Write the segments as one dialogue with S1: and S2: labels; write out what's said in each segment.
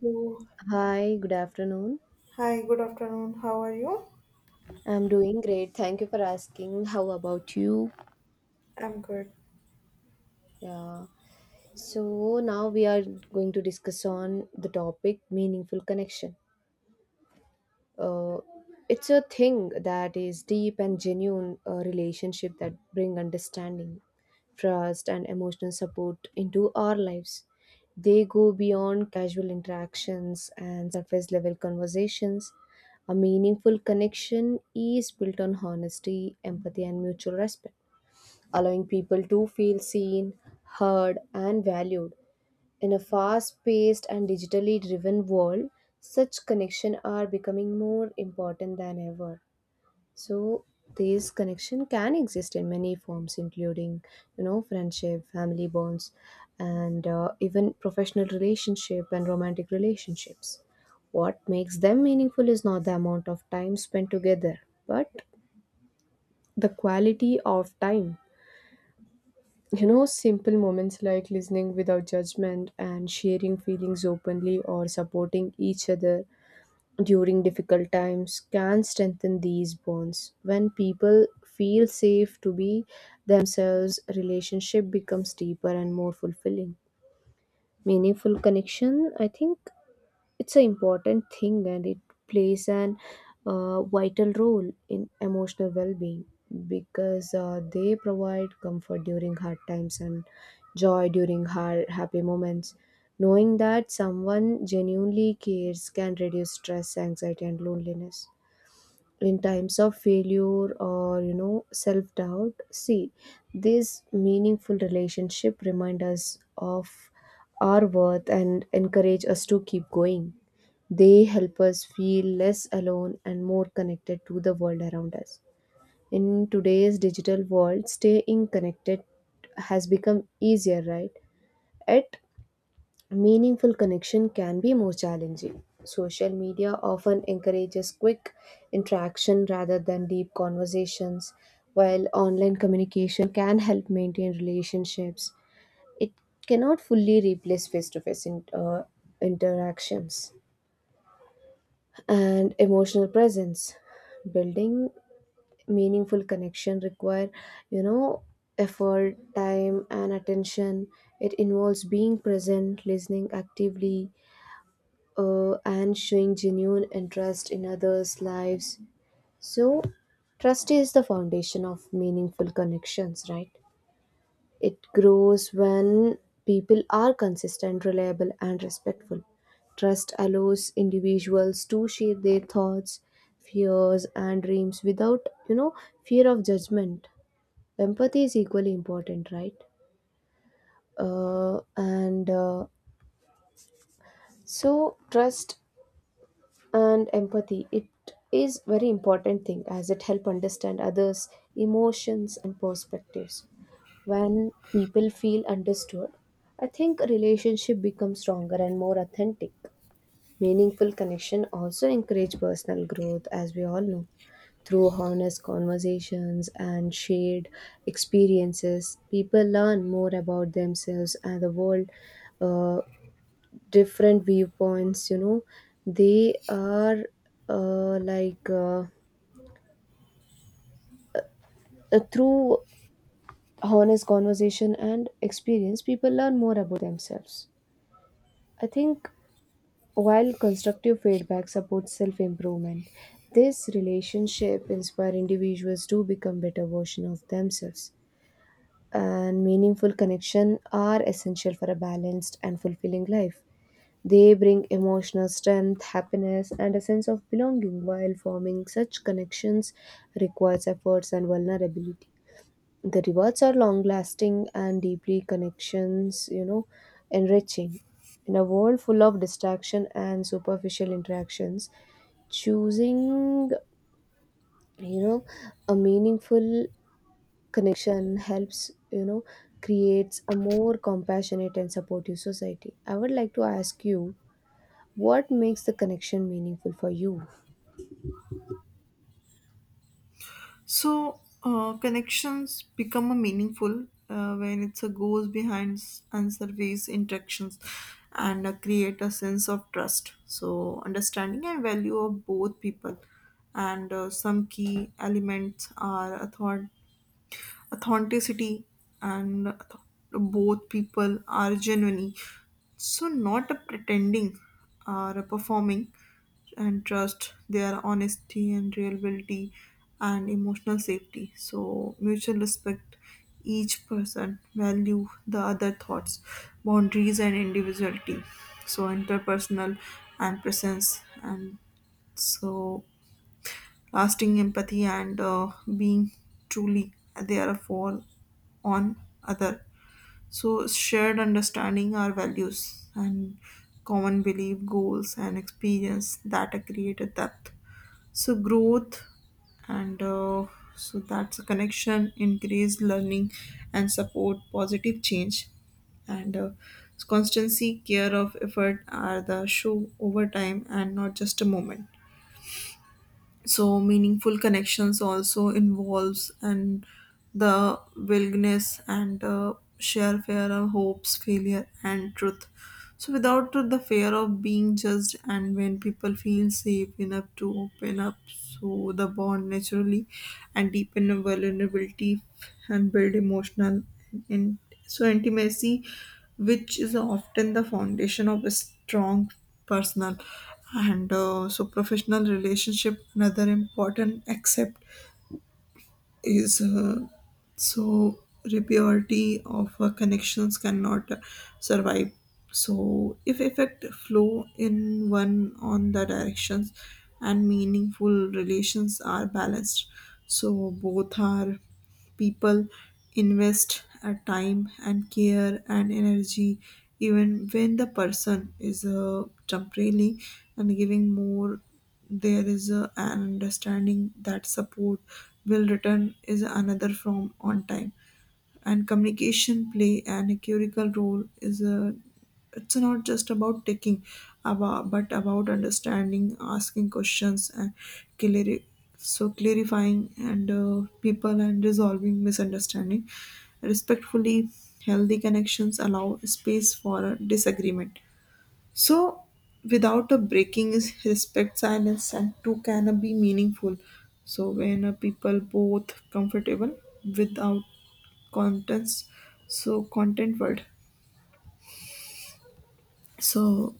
S1: So,
S2: Hi, good afternoon.
S1: hi, good afternoon. How are you?
S2: I'm doing great. Thank you for asking. How about you?
S1: I'm good.
S2: Yeah. So now we are going to discuss on the topic meaningful connection. uh, it's a thing that is deep and genuine relationship that bring understanding, trust and emotional support into our lives. They go beyond casual interactions and surface level conversations. A meaningful connection is built on honesty, empathy and mutual respect, allowing people to feel seen, heard and valued. In a fast paced and digitally driven world, such connections are becoming more important than ever. So, these connection can exist in many forms, including, you know, friendship, family bonds, and even professional relationship and romantic relationships. What makes them meaningful is not the amount of time spent together, but the quality of time. You know, simple moments like listening without judgment and sharing feelings openly or supporting each other during difficult times can strengthen these bonds. When people feel safe to be themselves, relationship becomes deeper and more fulfilling. Meaningful connection, I think it's an important thing and it plays an vital role in emotional well-being, because they provide comfort during hard times and joy during hard happy moments. Knowing that someone genuinely cares can reduce stress, anxiety and loneliness. In times of failure or, you know, self doubt, see, these meaningful relationship remind us of our worth and encourage us to keep going. They help us feel less alone and more connected to the world around us. In today's digital world, staying connected has become easier, right? Yet meaningful connection can be more challenging. Social media often encourages quick interaction rather than deep conversations, while online communication can help maintain relationships. It cannot fully replace face to face interactions. And emotional presence. Building meaningful connection require, you know, effort, time and attention. It involves being present, listening actively, and showing genuine interest in others' lives. So, trust is the foundation of meaningful connections, right? It grows when people are consistent, reliable, and respectful. Trust allows individuals to share their thoughts, fears, and dreams without, you know, fear of judgment. Empathy is equally important, right? And So, trust and empathy it is very important thing as it help understand others emotions and perspectives. When people feel understood, I think relationship becomes stronger and more authentic. Meaningful connection also encourage personal growth, as we all know. Through honest conversations and shared experiences, people learn more about themselves and the world. uh, Different viewpoints. They are like through honest conversation and experience, people learn more about themselves, I think, while constructive feedback supports self improvement. This relationship inspire individuals to become better version of themselves. And meaningful connection are essential for a balanced and fulfilling life. They bring emotional strength, happiness, and a sense of belonging, while forming such connections requires efforts and vulnerability. The rewards are long lasting and deeply connections, you know, enriching. In a world full of distraction and superficial interactions, choosing, you know, a meaningful connection helps, you know, creates a more compassionate and supportive society. I would like to ask you, what makes the connection meaningful for you?
S1: So, connections become a meaningful when it's a goes behind and surveys interactions and create a sense of trust. So, understanding and value of both people and some key elements are authenticity and both people are genuine, so not a pretending or a performing, and trust their honesty and reliability and emotional safety, so mutual respect. Each person value the other thoughts, boundaries and individuality, so interpersonal and presence and so lasting empathy and being truly there for on other. So shared understanding our values and common belief goals and experience that create a depth, so growth and so that's a connection increased learning and support positive change and constancy care of effort are the show over time and not just a moment. So meaningful connections also involves and the willingness and share fear of hopes failure and truth, so without the fear of being judged. And when people feel safe enough to open up, so the bond naturally and deepen the vulnerability and build emotional in, so intimacy, which is often the foundation of a strong personal and so professional relationship. Another important aspect is so repurity of connections cannot survive, so if effect flow in one on the directions. And meaningful relations are balanced, so both are people invest a time and care and energy even when the person is temporarily and giving more. There is a, an understanding that support will return is another from on time. And communication play an critical role is a it's not just about taking about, but about understanding, asking questions and clari- so clarifying and people and resolving misunderstanding respectfully. Healthy connections allow space for a disagreement, so without a breaking is respect, silence, and two can be meaningful. So, when a people both comfortable without contents, so content word. So,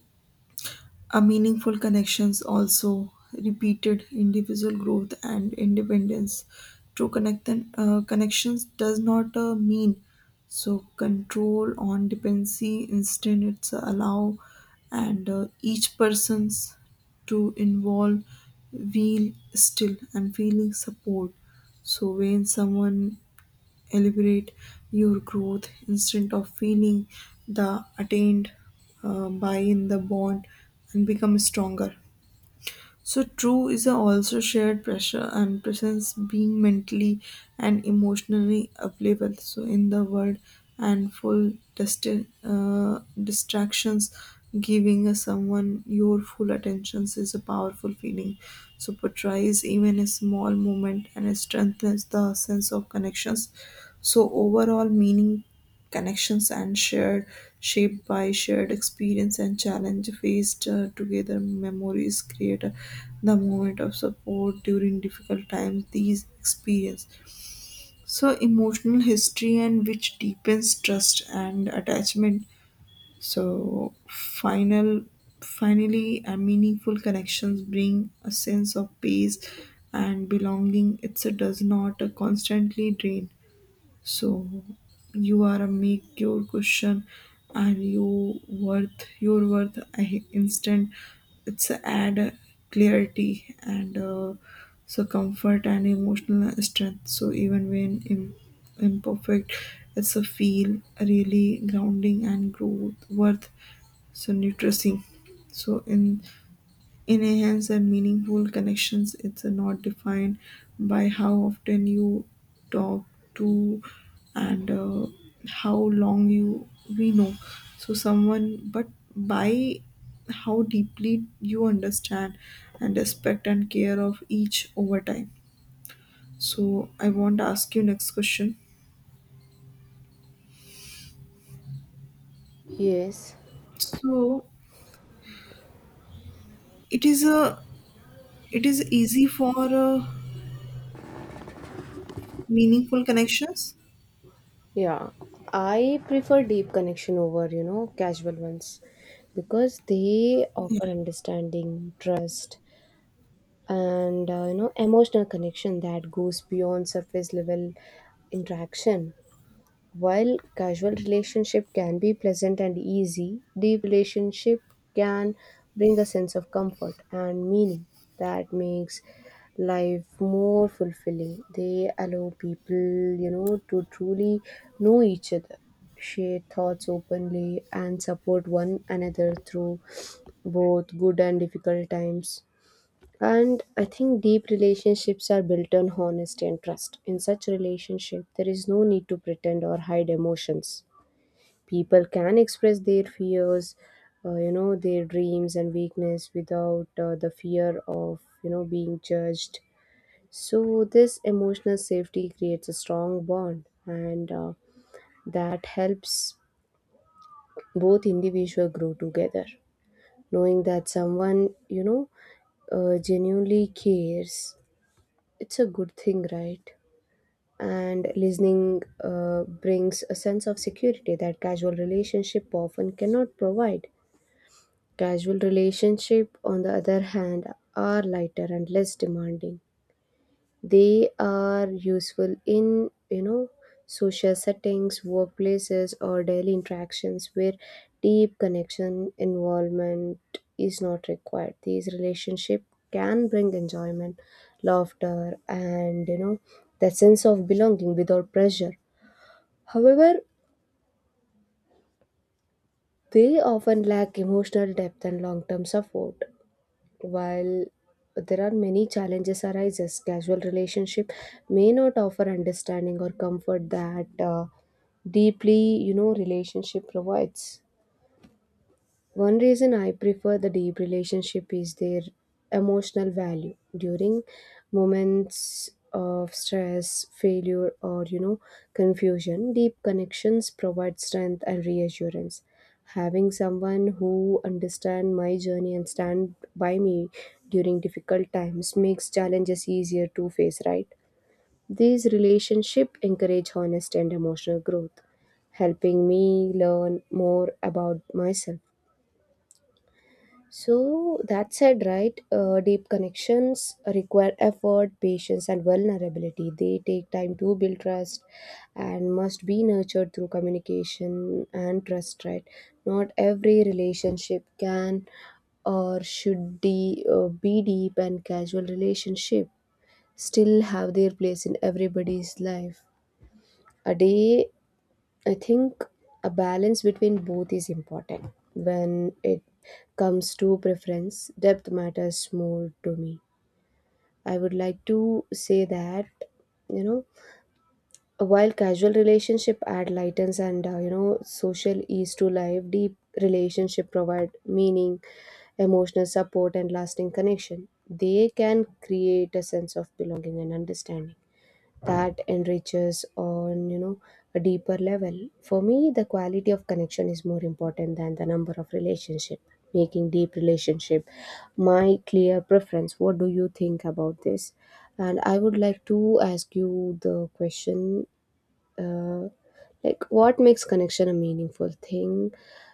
S1: a meaningful connections also repeated individual growth and independence. True connections does not mean so control on dependency. Instead, it's allow and each person's to involve feel still and feeling support. So when someone celebrate your growth instead of feeling the attained by in the bond and become stronger, so true is also shared pressure and presence, being mentally and emotionally available. So in the world and full distractions, giving a someone your full attentions is a powerful feeling. So portrays even a small moment and strengthens the sense of connections. So overall meaning connections and shared shaped by shared experience and challenge faced together memories create the moment of support during difficult times. These experience so emotional history and which deepens trust and attachment. So finally a meaningful connections bring a sense of peace and belonging. It does not constantly drain, so you are a make your question and your worth instant it's a add clarity and so comfort and emotional strength. So even when imperfect, it's a feel really grounding and growth worth, so nutricing. So in a hands and meaningful connections, it's not defined by how often you talk to and how long you we know so someone, but by how deeply you understand and respect and care of each over time. So I want to ask you next question.
S2: Yes,
S1: So it is a it is easy for meaningful connections.
S2: yeah. I prefer deep connection over, you know, casual ones, because they
S1: Yeah.
S2: offer understanding, trust, and you know, emotional connection that goes beyond surface level interaction. While casual relationship can be pleasant and easy, deep relationship can bring a sense of comfort and meaning that makes life more fulfilling. They allow people, you know, to truly know each other, share thoughts openly and support one another through both good and difficult times. And I think deep relationships are built on honesty and trust. In such relationship, there is no need to pretend or hide emotions. People can express their fears, you know, their dreams and weakness without the fear of, you know, being judged. So this emotional safety creates a strong bond and that helps both individual grow together. Knowing that someone, you know, genuinely cares, it's a good thing, right? And listening brings a sense of security that casual relationship often cannot provide. Casual relationship, on the other hand, are lighter and less demanding. They are useful in, you know, social settings, workplaces, or daily interactions where deep connection involvement is not required. These relationships can bring enjoyment, laughter, and, you know, that sense of belonging without pressure. However, they often lack emotional depth and long term support. While there are many challenges arises, casual relationship may not offer understanding or comfort that deeply you know relationship provides. One reason I prefer the deep relationship is their emotional value during moments of stress, failure, or you know, confusion. Deep connections provide strength and reassurance. Having someone who understands my journey and stand by me during difficult times makes challenges easier to face, right? These relationships encourage honest and emotional growth, helping me learn more about myself. So that said, right, deep connections require effort, patience, and vulnerability. They take time to build trust and must be nurtured through communication and trust, right? Not every relationship can or should be deep, and casual relationship still have their place in everybody's life. A day, I think a balance between both is important. When it comes to preference, depth matters more to me. I would like to say that, you know, while casual relationship add lightens and, you know, social ease to life, deep relationship provide meaning, emotional support and lasting connection. They can create a sense of belonging and understanding that enriches on, you know, a deeper level. For me, the quality of connection is more important than the number of relationship, making deep relationship my clear preference. What do you think about this? And I would like to ask you the question, uh, like, what makes connection a meaningful thing?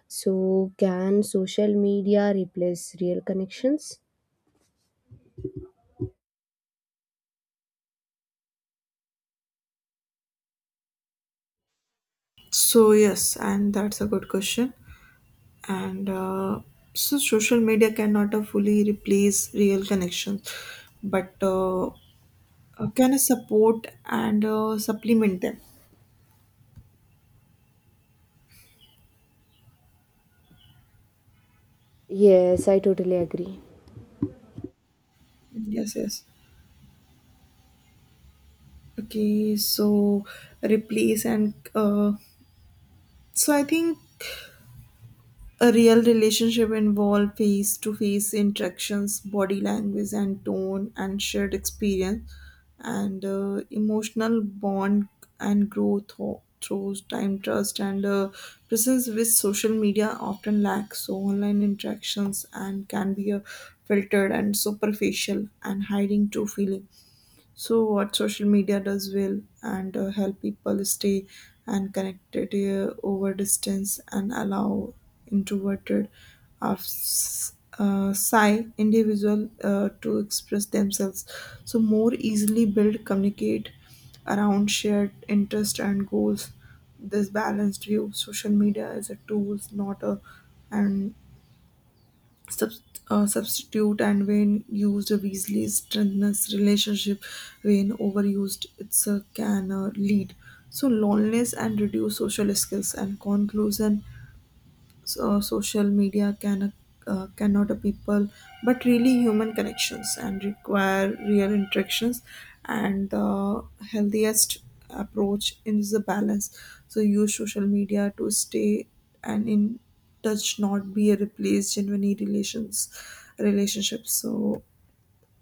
S2: So can social media replace real connections?
S1: So yes, and that's a good question. And so social media cannot fully replace real connections, but can support and supplement them.
S2: Yes, I totally agree.
S1: Yes, yes, okay. So replace and so I think a real relationship involves face to face interactions, body language and tone, and shared experience, and emotional bond and growth through time, trust, and presence, which social media often lacks. So, online interactions and can be filtered and superficial and hiding true feeling. So, what social media does well and help people stay and connected over distance and allow introverted of s- psi individual to express themselves, so more easily build communicate around shared interest and goals. This balanced view, social media is a tool, not a an Subs substitute, and when used wisely strengthens relationship. When overused it's a can lead so loneliness and reduce social skills. And conclusion, so social media can cannot a people, but really human connections and require real interactions. And the healthiest approach is the balance, so use social media to stay and in touch, not be a replace genuine relationships. So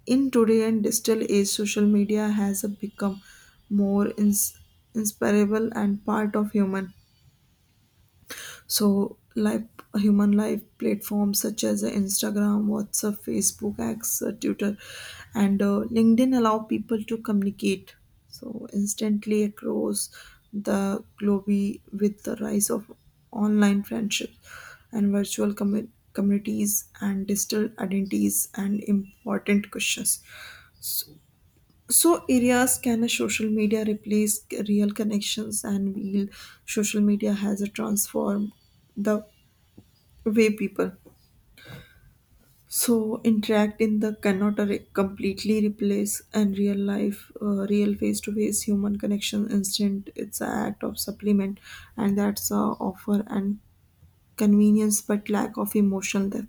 S1: in today and digital age, social media has become more inseparable and part of human, so live human life. Platforms such as Instagram, WhatsApp, Facebook, X, Twitter, and LinkedIn allow people to communicate so instantly across the globe. With the rise of online friendships and virtual communities and digital identities and important questions. So, so areas can a social media replace real connections? And will social media has a transform the way people so interact in the cannot completely replace and real life, real face to face human connection instant. It's an act of supplement, and that's a offer and convenience but lack of emotional depth.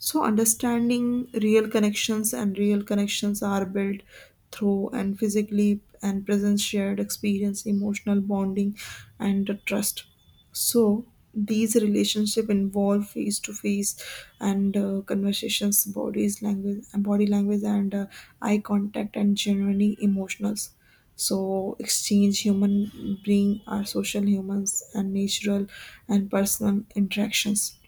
S1: So, understanding real connections, and real connections are built through and physically and presence, shared experience, emotional bonding, and the trust. So, these relationship involve face to face and conversations, bodies, language, and body language, and eye contact, and genuinely emotionals. So, exchange human being are social humans and natural and personal interactions,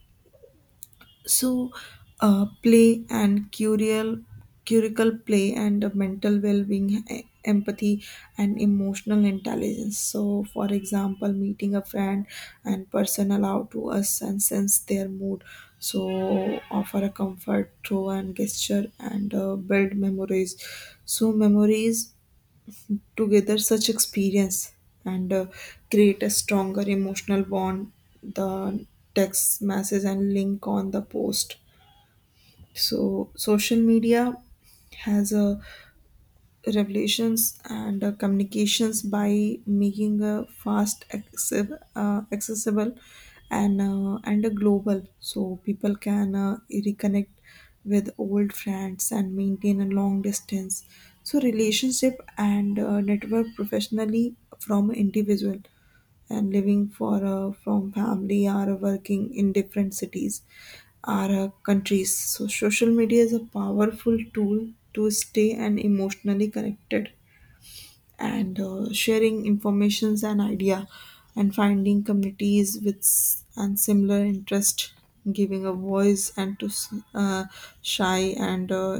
S1: so play and curial curical play and mental well-being, empathy and emotional intelligence. So for example, meeting a friend and person allow to us and sense their mood, so offer a comfort throw and gesture and build memories together. Such experience and create a stronger emotional bond, the text message and link on the post. So social media has a revelations and communications by making a fast access, accessible and a global, so people can reconnect with old friends and maintain a long distance so relationship, and network professionally from individual and living for from family are working in different cities our countries. So, social media is a powerful tool to stay and emotionally connected and sharing informations and idea and finding communities with and similar interest, giving a voice and to shy and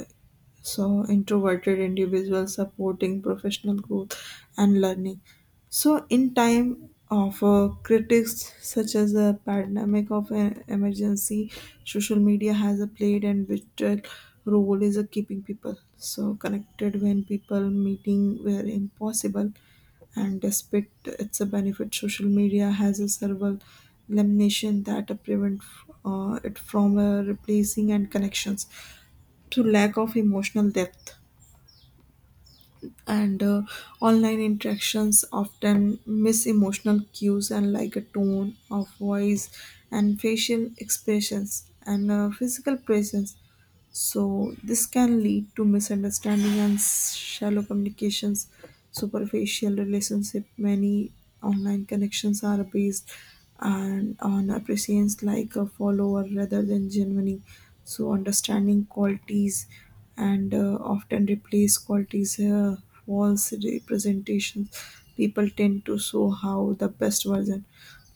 S1: so introverted individuals, supporting professional growth and learning. So in time of critics such as the pandemic of an emergency, social media has a played and vital role is a keeping people so connected when people meeting were impossible. And despite its a benefit, social media has a several elimination that prevent it from replacing and connections, to lack of emotional depth and online interactions often miss emotional cues and like a tone of voice and facial expressions and physical presence. So this can lead to misunderstanding and shallow communications, superficial relationship. Many online connections are based and on appreciations like a follower rather than genuine, so understanding qualities and often replace qualities, false representations. People tend to show how the best version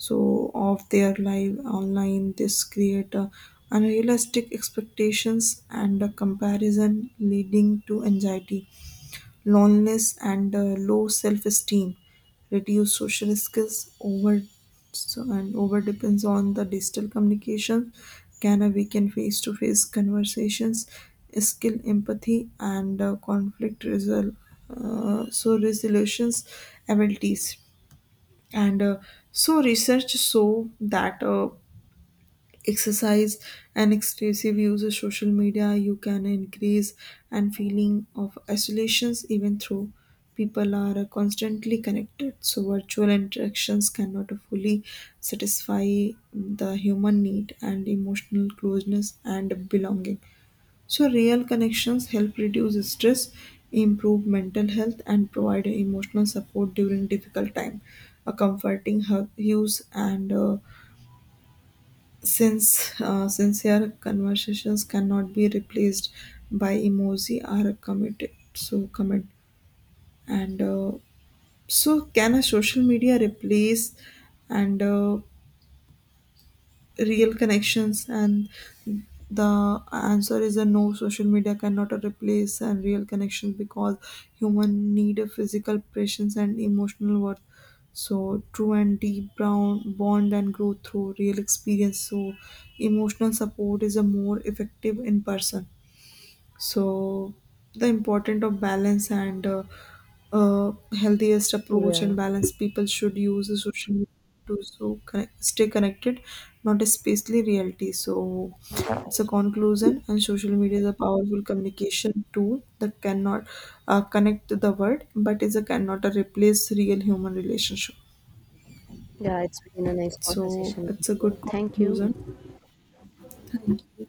S1: so of their life online. This create unrealistic expectations and a comparison leading to anxiety, loneliness and low self-esteem, reduce social skills over. So, and over depends on the digital communication can weaken face-to-face conversations skill, empathy and conflict so resolutions abilities and so research show that exercise and exclusive use of social media you can increase and feeling of isolations, even though people are constantly connected. So virtual interactions cannot fully satisfy the human need and emotional closeness and belonging. So real connections help reduce stress, improve mental health and provide emotional support during difficult time. A comforting hug use and since sincere conversations cannot be replaced by emoji or committed so comment. And so can a social media replace and real connections? And the answer is a no. Social media cannot replace and real connections because human need a physical presence and emotional worth. So true and deep brown bond and growth through real experience, so emotional support is a more effective in person. So the importance of balance and uh, healthiest approach
S2: Yeah.
S1: and balance, people should use the social media to so connect, stay connected, not especially reality. So it's a conclusion, and social media is a powerful communication tool that cannot connect the world, but is a cannot replace real human relationship.
S2: Yeah, it's been a nice
S1: So
S2: conversation with
S1: it's a
S2: you.
S1: good
S2: Thank you.
S1: conclusion. Thank you.